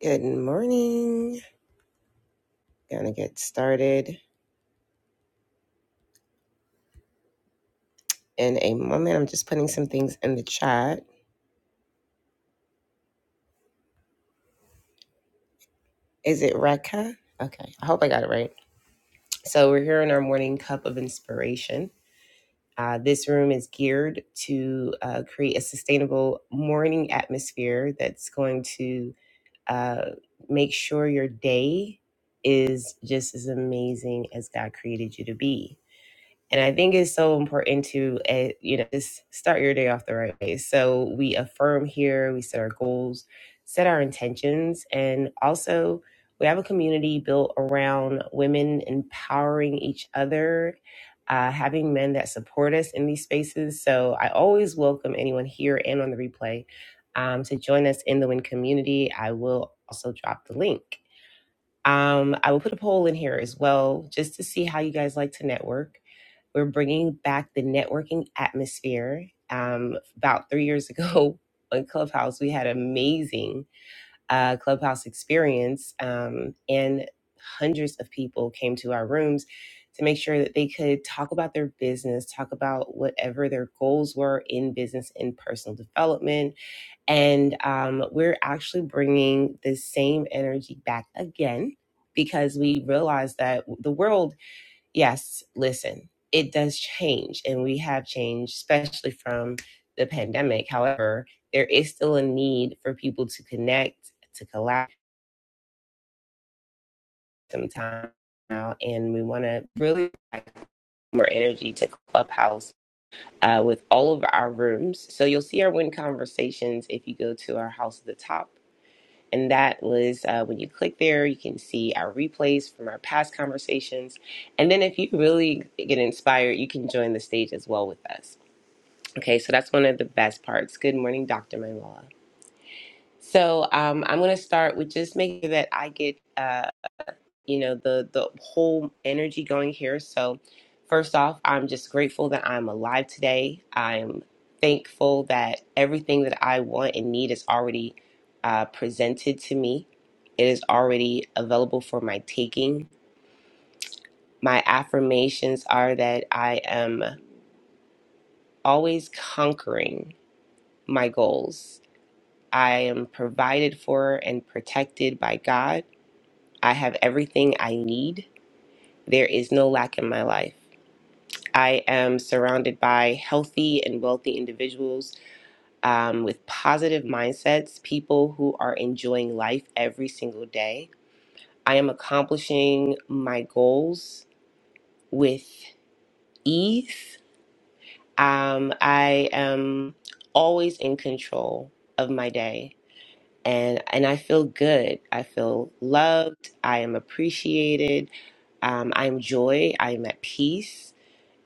Good morning. Gonna get started in a moment. I'm just putting some things in the chat. Is it Reka? Okay, I hope I got it right. So, we're here in our morning cup of inspiration. Uh, this room is geared to uh, create a sustainable morning atmosphere that's going to uh, make sure your day is just as amazing as God created you to be And I think it's so important to, uh, you know, just start your day off the right way. So we affirm here, we set our goals, set our intentions, and also we have a community built around women empowering each other, uh, having men that support us in these spaces. So I always welcome anyone here and on the replay um, to join us in the WIN community. I will also drop the link. Um, I will put a poll in here as well just to see how you guys like to network we're bringing back the networking atmosphere. Um, about three years ago on Clubhouse, we had an amazing uh, Clubhouse experience, um, and hundreds of people came to our rooms to make sure that they could talk about their business, talk about whatever their goals were in business and personal development. And um, we're actually bringing the same energy back again because we realized that the world yes, listen, it does change, and we have changed, especially from the pandemic. However, there is still a need for people to connect, to collaborate sometime now, and we want to really add more energy to Clubhouse uh, with all of our rooms. So you'll see our win conversations if you go to our house at the top. And that was uh, when you click there, you can see our replays from our past conversations. And then if you really get inspired, you can join the stage as well with us. Okay, so that's one of the best parts. Good morning, Dr. Manuela. So um, I'm going to start with just making sure that I get, uh, you know, the the whole energy going here. So first off, I'm just grateful that I'm alive today. I'm thankful that everything that I want and need is already uh, presented to me. It is already available for my taking. My affirmations are that I am always conquering my goals I am provided for and protected by God. I have everything I need. There is no lack in my life. I am surrounded by healthy and wealthy individuals um, with positive mindsets, people who are enjoying life every single day. I am accomplishing my goals with ease. Um, I am always in control of my day. and and I feel good. I feel loved. I am appreciated. Um, I'm joy. I'm at peace,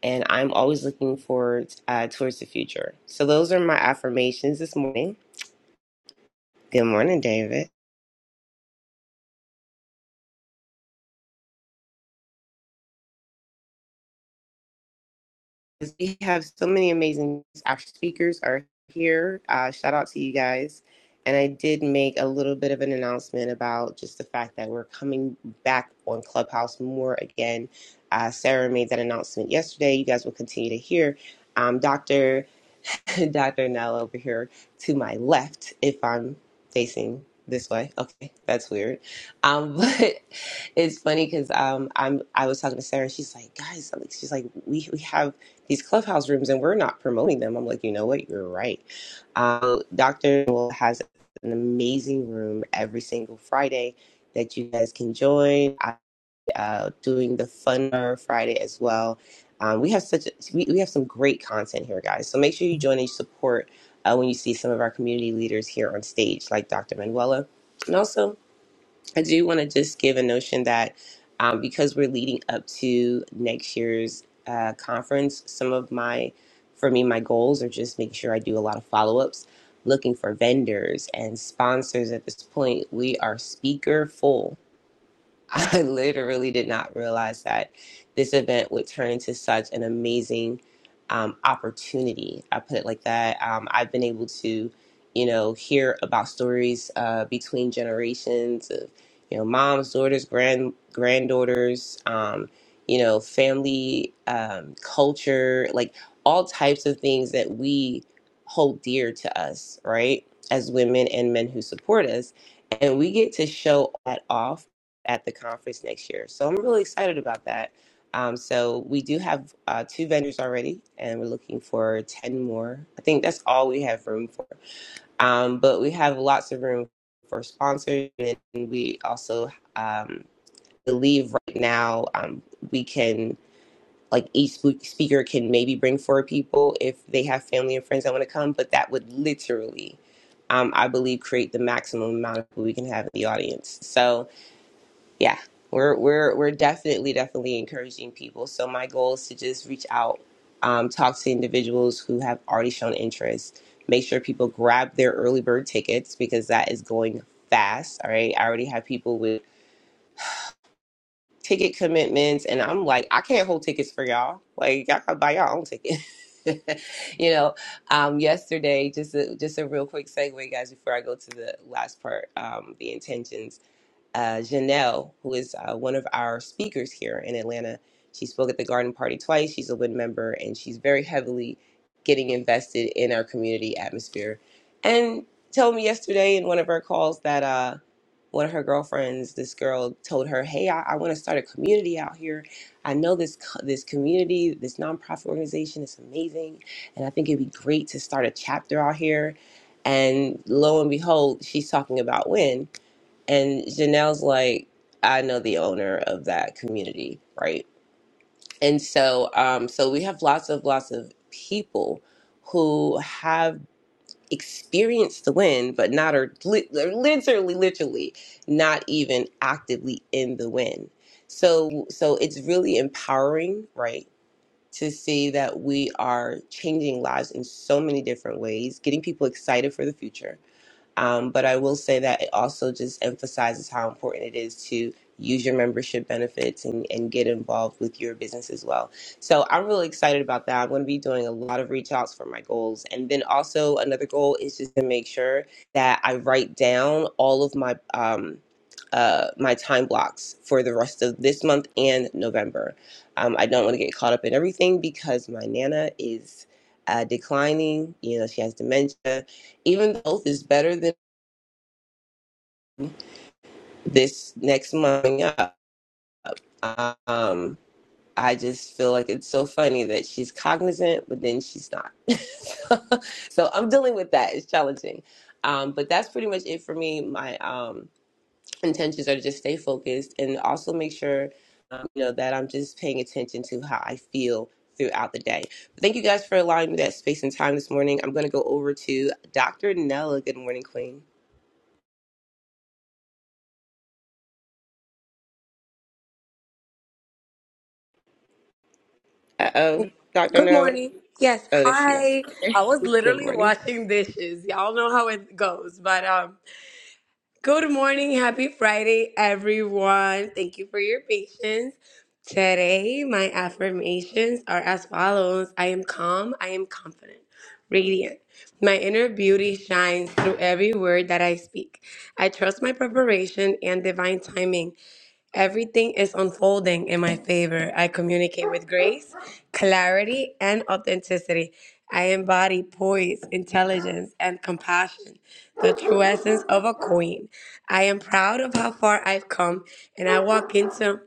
and I'm always looking forward uh, towards the future. So those are my affirmations this morning. Good morning, David. we have so many amazing our speakers are here uh, shout out to you guys and i did make a little bit of an announcement about just the fact that we're coming back on clubhouse more again uh, sarah made that announcement yesterday you guys will continue to hear um, dr Dr. Nell over here to my left if I'm facing this way. Okay, that's weird. Um, but it's funny because um, I'm I was talking to Sarah and she's like, guys, I'm like she's like, we we have these clubhouse rooms and we're not promoting them. I'm like, you know what? You're right. Um, Dr. Nell has an amazing room every single Friday that you guys can join uh, doing the Funner Friday as well. Um, we have such a, we, we have some great content here, guys. So make sure you join and support uh, when you see some of our community leaders here on stage, like Dr. Manuela. And also, I do want to just give a notion that um, because we're leading up to next year's uh, conference, some of my for me my goals are just making sure I do a lot of follow ups, looking for vendors and sponsors. At this point, we are speaker full I literally did not realize that this event would turn into such an amazing um, opportunity. I put it like that. Um, I've been able to, you know, hear about stories uh, between generations of, you know, moms, daughters, grand granddaughters, um, you know, family um, culture, like all types of things that we hold dear to us, right? As women and men who support us, and we get to show that off at the conference next year. So I'm really excited about that. Um, so we do have uh, two vendors already, and we're looking for 10 more. I think that's all we have room for. Um, but we have lots of room for sponsors, and we also um, believe right now um, we can like each spe- speaker can maybe bring four people if they have family and friends that want to come, but that would literally, um, I believe, create the maximum amount of people we can have in the audience. So yeah we're we're we're definitely definitely encouraging people so my goal is to just reach out um, talk to individuals who have already shown interest make sure people grab their early bird tickets because that is going fast all right i already have people with ticket commitments and i'm like i can't hold tickets for y'all like y'all gotta buy y'all own ticket you know um yesterday just a just a real quick segue guys before i go to the last part um the intentions uh, Janelle, who is uh, one of our speakers here in Atlanta. She spoke at the garden party twice. She's a WIN member and she's very heavily getting invested in our community atmosphere. And told me yesterday in one of her calls that uh, one of her girlfriends, this girl, told her, "Hey, I, I want to start a community out here. I know this co- this community, this nonprofit organization is amazing, and I think it'd be great to start a chapter out here." And lo and behold, she's talking about WIN and Janelle's like, I know the owner of that community, right? And so, um, so we have lots of lots of people who have experienced the wind, but not are li- they're literally, literally not even actively in the wind. So, so it's really empowering, right? To see that we are changing lives in so many different ways, getting people excited for the future, um, but I will say that it also just emphasizes how important it is to use your membership benefits and, and get involved with your business as well. So I'm really excited about that. I'm going to be doing a lot of reach outs for my goals. And then also another goal is just to make sure that I write down all of my, um, uh, my time blocks for the rest of this month and November. Um, I don't want to get caught up in everything because my Nana is uh, declining. You know, she has dementia even though health is better than. this next month coming up. Um, I just feel like it's so funny that she's cognizant, but then she's not. so, so I'm dealing with that. It's challenging. Um, but that's pretty much it for me. My um, intentions are to just stay focused and also make sure um, you know that I'm just paying attention to how I feel throughout the day. But thank you guys for allowing me that space and time this morning. I'm going to go over to Dr. Nella. Good morning, Queen. Uh oh, Dr. Good Nella. morning. Yes, Oh, there she goes. hi. I was Good literally morning. washing dishes. Y'all know how it goes, but um good morning, happy Friday everyone. Thank you for your patience. Today, my affirmations are as follows. I am calm, I am confident, radiant. My inner beauty shines through every word that I speak. I trust my preparation and divine timing. Everything is unfolding in my favor. I communicate with grace, clarity, and authenticity. I embody poise, intelligence, and compassion, the true essence of a queen. I am proud of how far I've come, and I walk into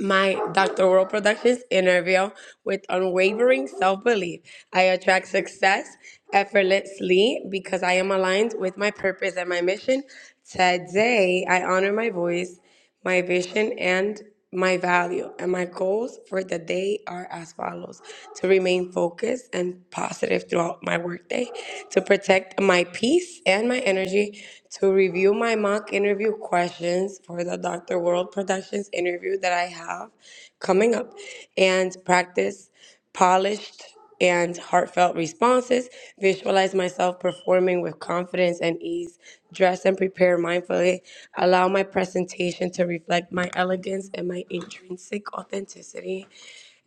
my Dr. World Productions interview with unwavering self belief. I attract success effortlessly because I am aligned with my purpose and my mission. Today, I honor my voice, my vision, and my value. And my goals for the day are as follows to remain focused and positive throughout my workday, to protect my peace peace and my energy to review my mock interview questions for the Dr. World Productions interview that I have coming up and practice polished and heartfelt responses, visualize myself performing with confidence and ease, dress and prepare mindfully, allow my presentation to reflect my elegance and my intrinsic authenticity,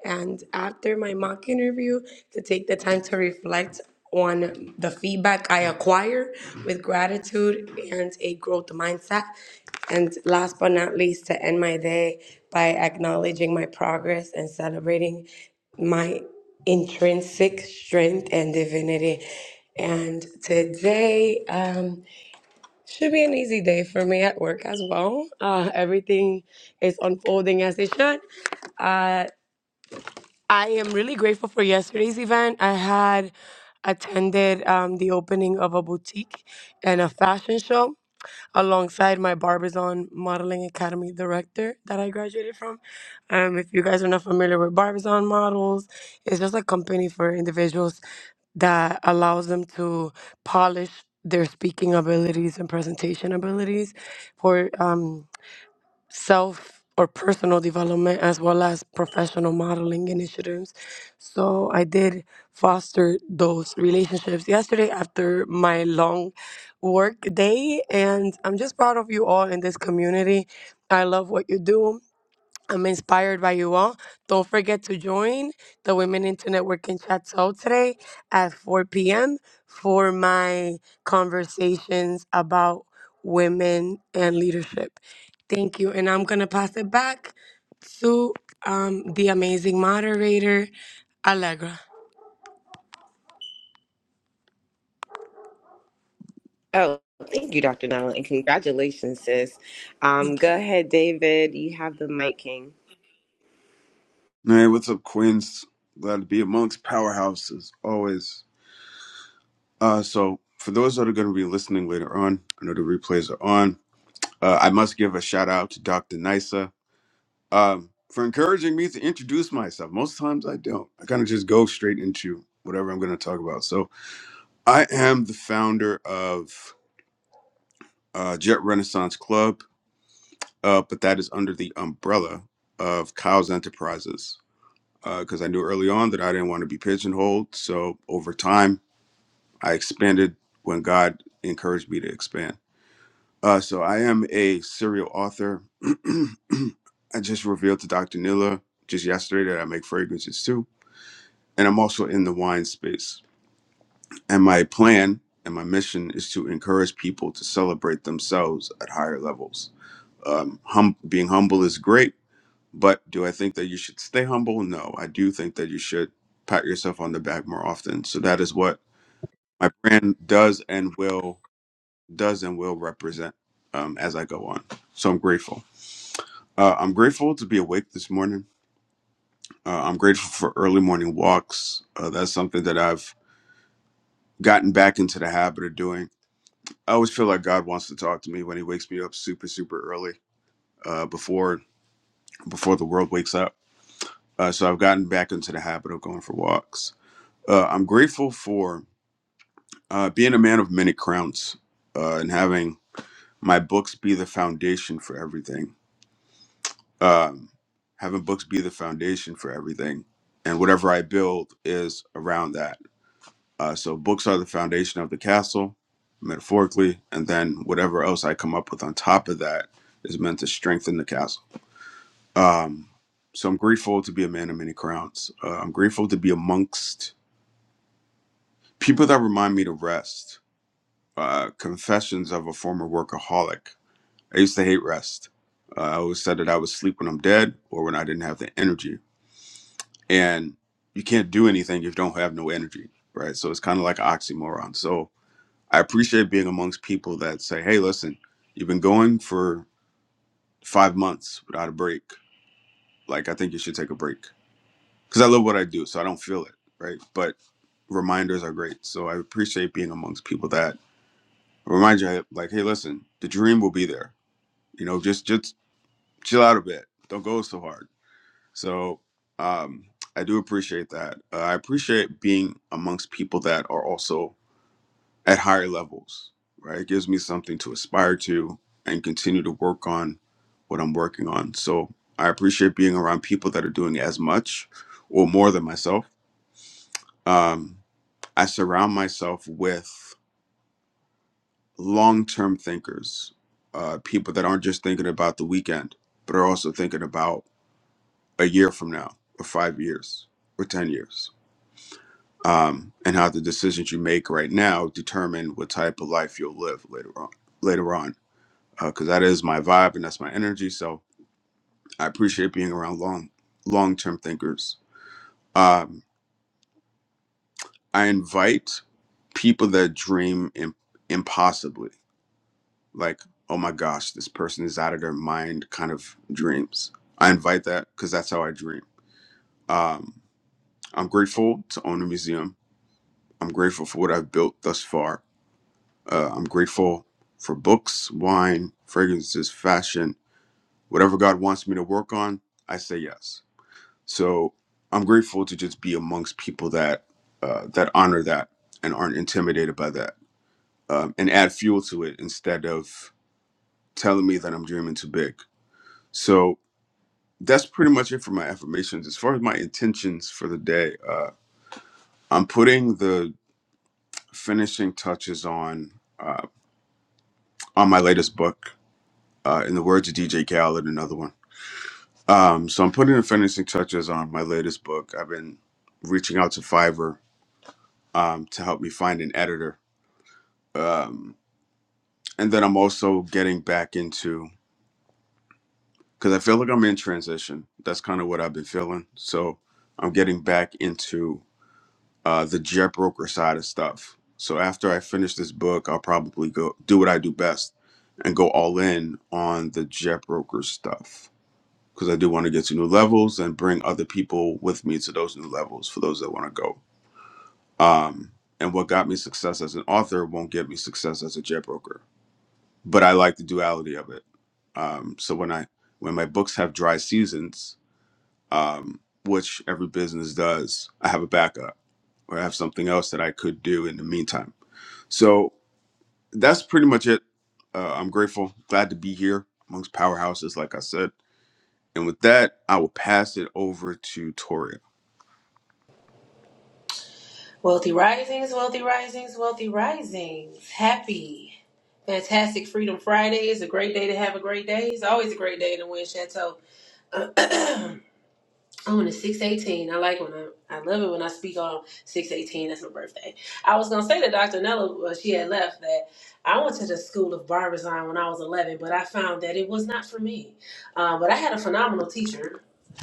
and after my mock interview to take the time to reflect on the feedback I acquire with gratitude and a growth mindset. And last but not least, to end my day by acknowledging my progress and celebrating my intrinsic strength and divinity. And today um, should be an easy day for me at work as well. Uh, everything is unfolding as it should. Uh, I am really grateful for yesterday's event. I had attended um, the opening of a boutique and a fashion show alongside my Barbizon Modeling Academy director that I graduated from. Um, if you guys are not familiar with Barbizon Models, it's just a company for individuals that allows them to polish their speaking abilities and presentation abilities for um, self or personal development as well as professional modeling initiatives. So I did foster those relationships yesterday after my long work day and I'm just proud of you all in this community. I love what you do I'm inspired by you all. Don't forget to join the Women into Networking Chat Show today at 4 p.m. for my conversations about women and leadership. Thank you. And I'm going to pass it back to um, the amazing moderator, Allegra. Oh, thank you, Dr. Nala, and congratulations, sis. Um, go ahead, David. You have the mic, King. Hey, what's up, Queens? Glad to be amongst powerhouses, always. Uh, so, for those that are going to be listening later on, I know the replays are on. Uh, I must give a shout out to Dr. Nisa um, for encouraging me to introduce myself. Most times I don't. I kind of just go straight into whatever I'm going to talk about. So, I am the founder of uh, Jet Renaissance Club, uh, but that is under the umbrella of Kyle's Enterprises because I knew early on that I didn't want to be pigeonholed. So over time, I expanded when God encouraged me to expand. Uh, so I am a serial author. I just revealed to Dr. Nila just yesterday that I make fragrances too. And I'm also in the wine space. And my plan and my mission is to encourage people to celebrate themselves at higher levels. Um, hum- being humble is great, but do I think that you should stay humble? No, I do think that you should pat yourself on the back more often. So that is what my brand does and will does and will represent um, as I go on. So I'm grateful. Uh, I'm grateful to be awake this morning. Uh, I'm grateful for early morning walks. Uh, that's something that I've gotten back into the habit of doing. I always feel like God wants to talk to me when He wakes me up super, super early, uh, before before the world wakes up. Uh, so I've gotten back into the habit of going for walks. Uh, I'm grateful for uh, being a man of many crowns uh, and having my books be the foundation for everything um, having books be the foundation for everything, and whatever I build is around that. Uh, so books are the foundation of the castle, metaphorically, and then whatever else I come up with on top of that is meant to strengthen the castle. Um, so I'm grateful to be a man of many crowns. Uh, I'm grateful to be amongst people that remind me to rest. Uh, confessions of a former workaholic. I used to hate rest. Uh, I always said that I would sleep when I'm dead or when I didn't have the energy and you can't do anything if you don't have no energy, right? So it's kind of like an oxymoron. So I appreciate being amongst people that say, "Hey, listen, you've been going for five months without a break. Like, I think you should take a break." Because I love what I do, so I don't feel it, right? But reminders are great. So I appreciate being amongst people that remind you, like, "Hey, listen, the dream will be there. You know, just just chill out a bit. Don't go so hard." So um, I do appreciate that. Uh, I appreciate being amongst people that are also at higher levels, right? It gives me something to aspire to and continue to work on what I'm working on. So I appreciate being around people that are doing as much or more than myself. Um, I surround myself with long term thinkers, uh, people that aren't just thinking about the weekend, but are also thinking about a year from now, or five years, or 10 years um, and how the decisions you make right now determine what type of life you'll live later on. Later on, because that is my vibe and that's my energy. So I appreciate being around long, long-term thinkers. Um, I invite people that dream im- impossibly, like oh my gosh, this person is out of their mind, kind of dreams. I invite that because that's how I dream. Um, I'm grateful to own a museum. I'm grateful for what I've built thus far. Uh, I'm grateful for books, wine, fragrances, fashion, whatever God wants me to work on. I say yes. So I'm grateful to just be amongst people that uh, that honor that and aren't intimidated by that, um, and add fuel to it instead of telling me that I'm dreaming too big. So that's pretty much it for my affirmations. As far as my intentions for the day, uh, I'm putting the finishing touches on uh, on my latest book. Uh, in the words of DJ Khaled, another one Um, so I'm putting the finishing touches on my latest book. I've been reaching out to Fiverr um, to help me find an editor, um, and then I'm also getting back into because I feel like I'm in transition. That's kind of what I've been feeling. So I'm getting back into uh, the jet broker side of stuff. So after I finish this book, I'll probably go do what I do best and go all in on the jet broker stuff. because I do want to get to new levels and bring other people with me to those new levels for those that want to go. Um, and what got me success as an author won't get me success as a jet broker, but I like the duality of it. Um, so when I when my books have dry seasons, um, which every business does, I have a backup or I have something else that I could do in the meantime. So that's pretty much it. Uh, I'm grateful, glad to be here amongst powerhouses, like I said And with that, I will pass it over to Toria. Wealthy risings, wealthy risings, wealthy risings. Happy, fantastic Freedom Friday. It's a great day to have a great day. It's always a great day to win Chateau. I'm on a 618. I like when I, I love it when I speak on 618. That's my birthday. I was going to say to Dr. Nella, well, she had left, that I went to the School of Barbershop when I was 11, but I found that it was not for me. Uh, but I had a phenomenal teacher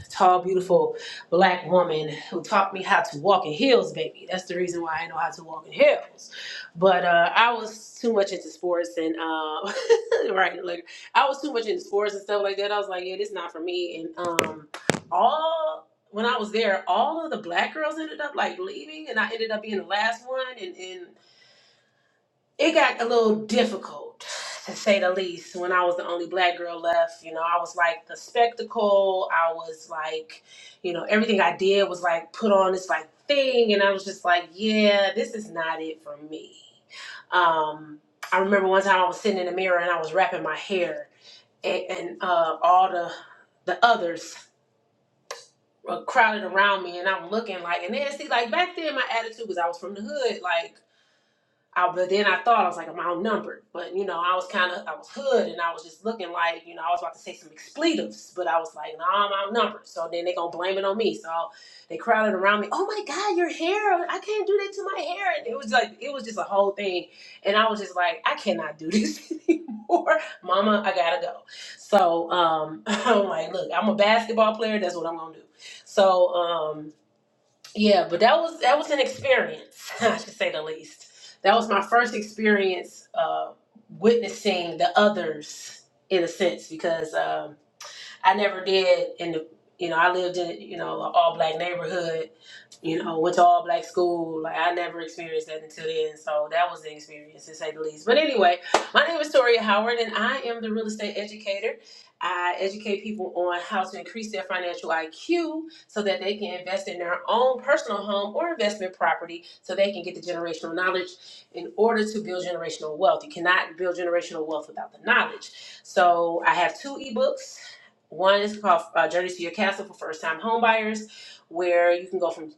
tall, beautiful black woman who taught me how to walk in heels, baby. That's the reason why I know how to walk in heels. But uh, I was too much into sports and um, right, like I was too much into sports and stuff like that. I was like, yeah, this not for me. And um, all when I was there, all of the black girls ended up like leaving, and I ended up being the last one. And and it got a little difficult to say the least when i was the only black girl left you know i was like the spectacle i was like you know everything i did was like put on this like thing and i was just like yeah this is not it for me um i remember one time i was sitting in the mirror and i was wrapping my hair and, and uh all the the others were crowded around me and i'm looking like and then see like back then my attitude was i was from the hood like I, but then I thought I was like I'm outnumbered, but you know I was kind of I was hood and I was just looking like you know I was about to say some expletives, but I was like no nah, I'm outnumbered. So then they gonna blame it on me. So they crowded around me. Oh my God, your hair! I can't do that to my hair. And it was like it was just a whole thing, and I was just like I cannot do this anymore, Mama. I gotta go. So um, I'm like, look, I'm a basketball player. That's what I'm gonna do. So um, yeah, but that was that was an experience, I should say the least. That was my first experience uh, witnessing the others in a sense because. um, I never did in the you know I lived in you know an all black neighborhood, you know went to all black school. Like I never experienced that until then, so that was the experience to say the least. But anyway, my name is Toria Howard, and I am the real estate educator. I educate people on how to increase their financial IQ so that they can invest in their own personal home or investment property so they can get the generational knowledge in order to build generational wealth. You cannot build generational wealth without the knowledge. So I have two ebooks. One is called uh, Journeys to Your Castle for first time homebuyers, where you can go from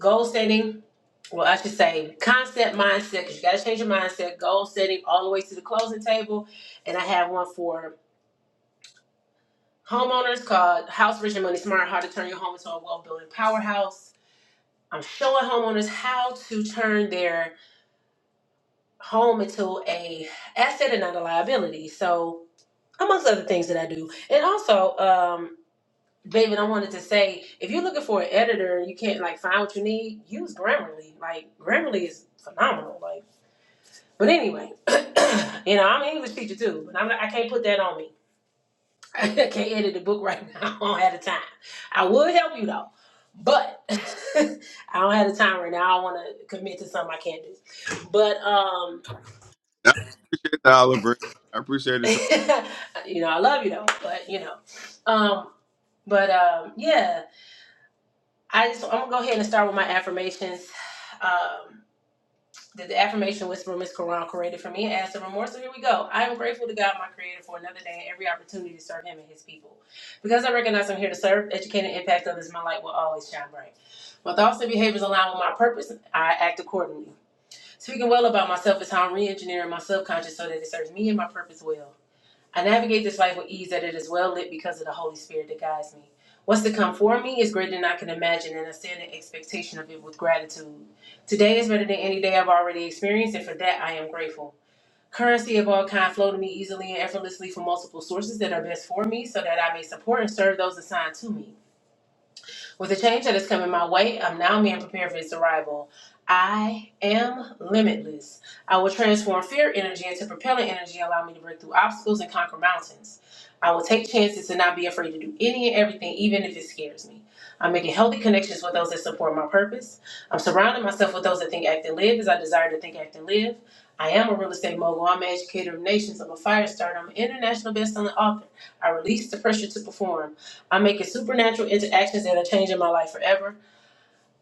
goal setting, well, I should say concept mindset, because you got to change your mindset, goal setting, all the way to the closing table. And I have one for homeowners called House Rich and Money Smart How to Turn Your Home into a Wealth Building Powerhouse. I'm showing homeowners how to turn their home into a asset and not a liability. So, amongst other things that I do. And also, um, David, I wanted to say, if you're looking for an editor and you can't like find what you need, use Grammarly. Like Grammarly is phenomenal. Like, but anyway, you know, I'm an English teacher too, but I'm not, I can't put that on me. I can't edit a book right now. I don't have the time. I would help you though, but I don't have the time right now. I want to commit to something I can't do. But um, Nah, I appreciate the olive branch. I appreciate it, you know, I love you though. But you know, um, but um, yeah. I just I'm gonna go ahead and start with my affirmations. Um, the, the affirmation whisperer Miss Quran created for me as the remorse. So here we go. I am grateful to God, my Creator, for another day and every opportunity to serve Him and His people. Because I recognize I'm here to serve, educate, and impact others, my light will always shine bright. My thoughts and behaviors align with my purpose. I act accordingly. Speaking well about myself is how I'm re-engineering my subconscious so that it serves me and my purpose well. I navigate this life with ease that it is well lit because of the Holy Spirit that guides me. What's to come for me is greater than I can imagine, and I stand in expectation of it with gratitude. Today is better than any day I've already experienced, and for that I am grateful. Currency of all kind flow to me easily and effortlessly from multiple sources that are best for me, so that I may support and serve those assigned to me. With the change that is coming my way, I'm now being prepared for its arrival. I am limitless. I will transform fear energy into propelling energy, allow me to break through obstacles and conquer mountains. I will take chances and not be afraid to do any and everything, even if it scares me. I'm making healthy connections with those that support my purpose. I'm surrounding myself with those that think, act, and live as I desire to think, act, and live. I am a real estate mogul. I'm an educator of nations. I'm a fire starter. I'm an international best-selling author. I release the pressure to perform. I'm making supernatural interactions that are changing my life forever.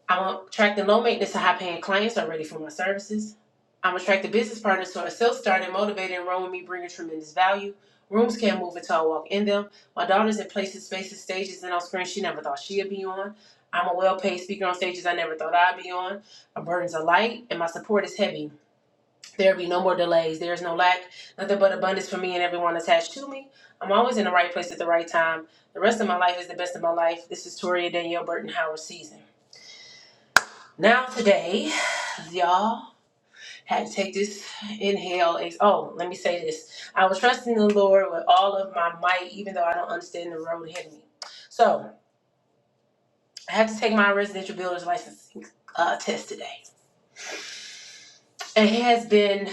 I'm attracting low maintenance to high paying clients who are ready for my services. I'm attracting business partners who are self starting, motivated, and run with me, bringing tremendous value. Rooms can't move until I walk in them. My daughter's in places, spaces, stages, and on screens she never thought she'd be on. I'm a well paid speaker on stages I never thought I'd be on. My burdens are light and my support is heavy. There be no more delays. There is no lack, nothing but abundance for me and everyone attached to me. I'm always in the right place at the right time. The rest of my life is the best of my life. This is Toria Danielle Burton Howard season. Now today, y'all had to take this inhale. ex- Oh, let me say this. I was trusting the Lord with all of my might, even though I don't understand the road ahead of me. So I had to take my residential builder's license uh, test today. It has been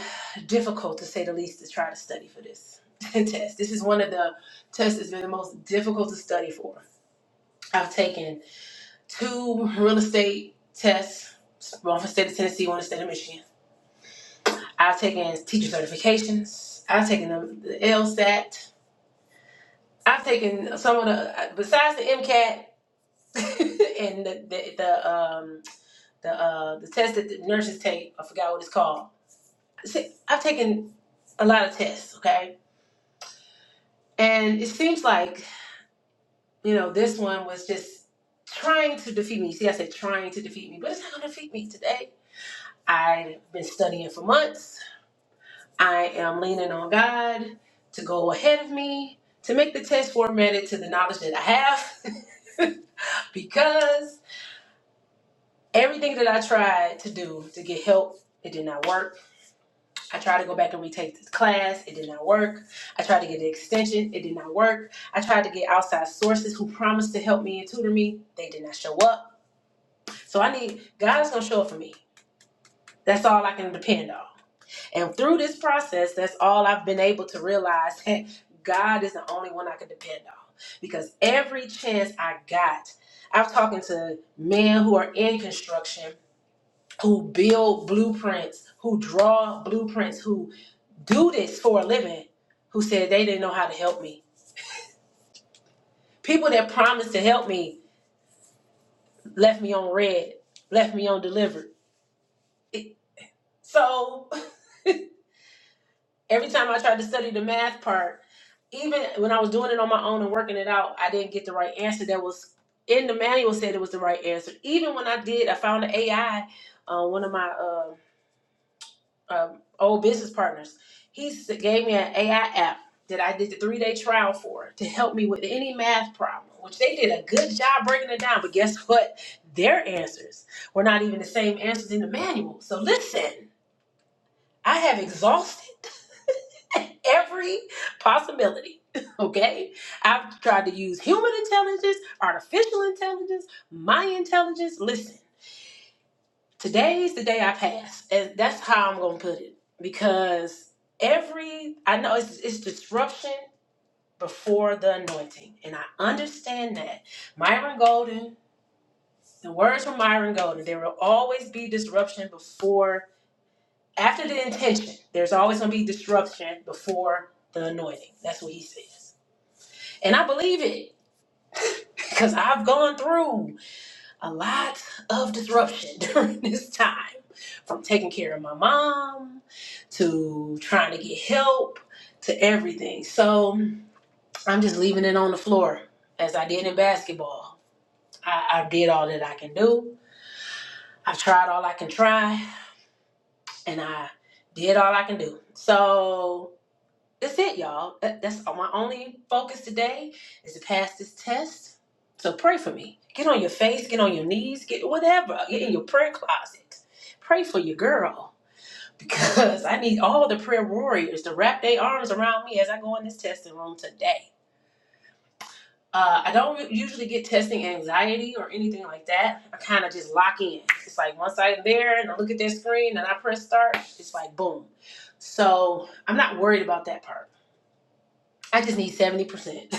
difficult, to say the least, to try to study for this test. This is one of the tests that's been the most difficult to study for. I've taken two real estate tests, one for the state of Tennessee, one for the state of Michigan. I've taken teacher certifications. I've taken the, the LSAT. I've taken some of the besides the MCAT and the the, the um the uh the test that the nurses take. I forgot what it's called. See, I've taken a lot of tests. Okay And it seems like, you know, this one was just trying to defeat me. See, I said trying to defeat me, but it's not going to defeat me today. I've been studying for months. I am leaning on God to go ahead of me, to make the test formatted to the knowledge that I have, because everything that I tried to do to get help, it did not work. I tried to go back and retake this class, it did not work. I tried to get the extension, it did not work. I tried to get outside sources who promised to help me and tutor me, they did not show up. So I need God's gonna show up for me. That's all I can depend on. And through this process, that's all I've been able to realize that God is the only one I can depend on. Because every chance I got, I've talking to men who are in construction, who build blueprints, who draw blueprints, who do this for a living, who said they didn't know how to help me. People that promised to help me left me on red, left me on delivered. It- so Every time I tried to study the math part, even when I was doing it on my own and working it out, I didn't get the right answer that was in the manual said it was the right answer. Even when I did, I found an AI, uh, one of my uh, um, old business partners. He s- gave me an AI app that I did the three day trial for to help me with any math problem, which they did a good job breaking it down. But guess what? Their answers were not even the same answers in the manual. So listen, I have exhausted every possibility. Okay? I've tried to use human intelligence, artificial intelligence, my intelligence. Listen, today's the day I pass. And that's how I'm gonna put it. Because every I know it's it's disruption before the anointing. And I understand that. Myron Golden, the words from Myron Golden, there will always be disruption before after the intention. There's always gonna be disruption before the anointing. That's what he says. And I believe it because I've gone through a lot of disruption during this time from taking care of my mom to trying to get help to everything. So I'm just leaving it on the floor as I did in basketball. I, I did all that I can do, I tried all I can try, and I did all I can do. So that's it, y'all. That, that's my only focus today is to pass this test. So pray for me. Get on your face, get on your knees, get whatever. Get in your prayer closet. Pray for your girl because I need all the prayer warriors to wrap their arms around me as I go in this testing room today. Uh, I don't usually get testing anxiety or anything like that. I kind of just lock in. It's like once I'm there and I look at that screen and I press start, it's like boom. So I'm not worried about that part. I just need 70%.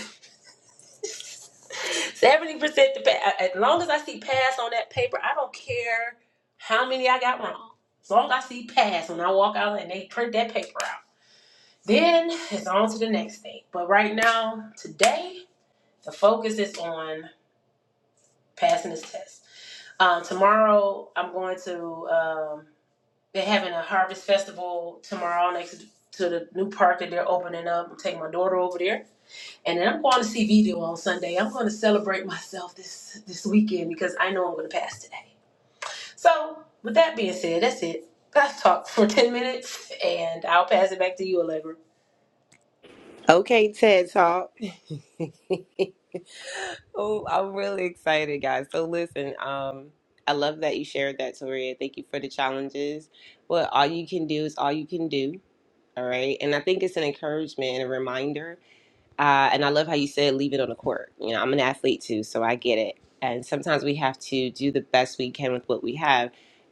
Seventy percent. the pa- As long as I see pass on that paper, I don't care how many I got wrong. As long as I see pass when I walk out and they print that paper out, then it's on to the next thing. But right now, today, the focus is on passing this test. Um, tomorrow, I'm going to. um, they're having a harvest festival tomorrow next to the new park that they're opening up. I'm taking my daughter over there. And then I'm going to see video on Sunday. I'm going to celebrate myself this this weekend because I know I'm going to pass today. So, with that being said, that's it. I've talked for 10 minutes and I'll pass it back to you, Allegra. Okay, TED Talk. oh, I'm really excited, guys. So listen, um, I love that you shared that, Toria. Thank you for the challenges. Well, all you can do is all you can do. All right. And I think it's an encouragement and a reminder Uh, and I love how you said leave it on the court. You know, I'm an athlete too, so I get it. And sometimes we have to do the best we can with what we have,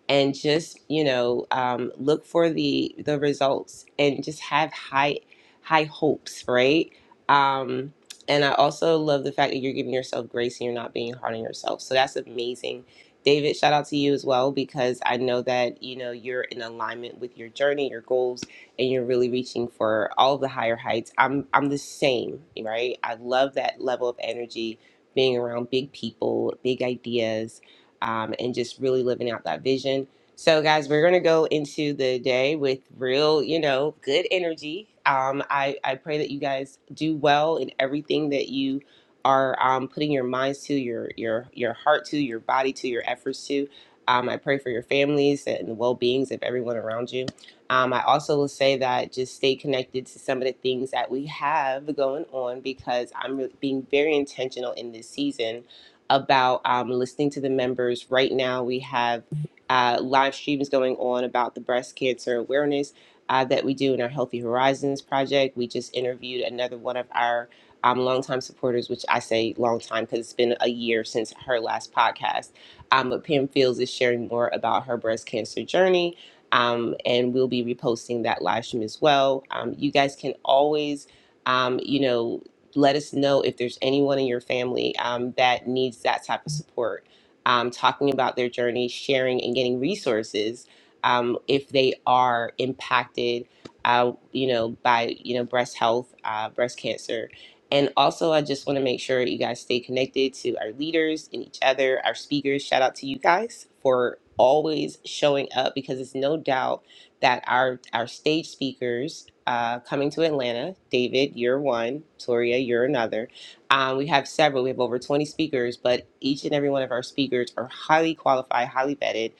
and just you know um, look for the the results and just have high high hopes, right? Um, and I also love the fact that you're giving yourself grace and you're not being hard on yourself. So that's amazing. David, shout out to you as well because I know that you know you're in alignment with your journey, your goals, and you're really reaching for all of the higher heights. I'm I'm the same, right? I love that level of energy, being around big people, big ideas, um, and just really living out that vision. So, guys, we're gonna go into the day with real, you know, good energy. Um, I I pray that you guys do well in everything that you are um, putting your minds to, your your your heart to, your body to, your efforts to. Um, I pray for your families and the well beings of everyone around you. Um, I also will say that just stay connected to some of the things that we have going on because I'm re- being very intentional in this season about um, listening to the members. Right now, we have uh, live streams going on about the breast cancer awareness uh, that we do in our Healthy Horizons project. We just interviewed another one of our um, longtime supporters, which I say long time because it's been a year since her last podcast. Um, but Pam Fields is sharing more about her breast cancer journey um, and we'll be reposting that live stream as well. Um, you guys can always, um, you know, let us know if there's anyone in your family um, that needs that type of support, um, talking about their journey, sharing, and getting resources um, if they are impacted, uh, you know, by you know breast health, uh, breast cancer and also, I just want to make sure you guys stay connected to our leaders and each other, our speakers. Shout out to you guys for always showing up because it's no doubt that our our stage speakers uh, coming to Atlanta, David, you're one, Toria, you're another. Um, we have several. We have over 20 speakers, but each and every one of our speakers are highly qualified, highly vetted.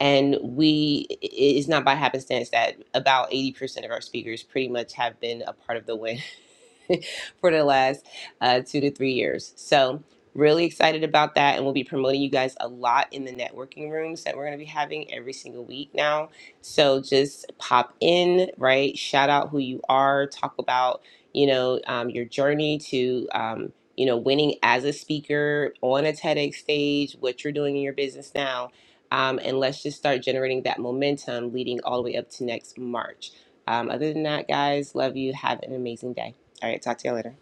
And we, it- it's not by happenstance that about 80% of our speakers pretty much have been a part of the win for the last uh, two to three years. So, really excited about that. And we'll be promoting you guys a lot in the networking rooms that we're going to be having every single week now. So, just pop in, right? Shout out who you are, talk about, you know, um, your journey to, um, you know, winning as a speaker on a TEDx stage, what you're doing in your business now. Um, and let's just start generating that momentum leading all the way up to next March. Um, other than that, guys, love you. Have an amazing day. All right, talk to y'all later.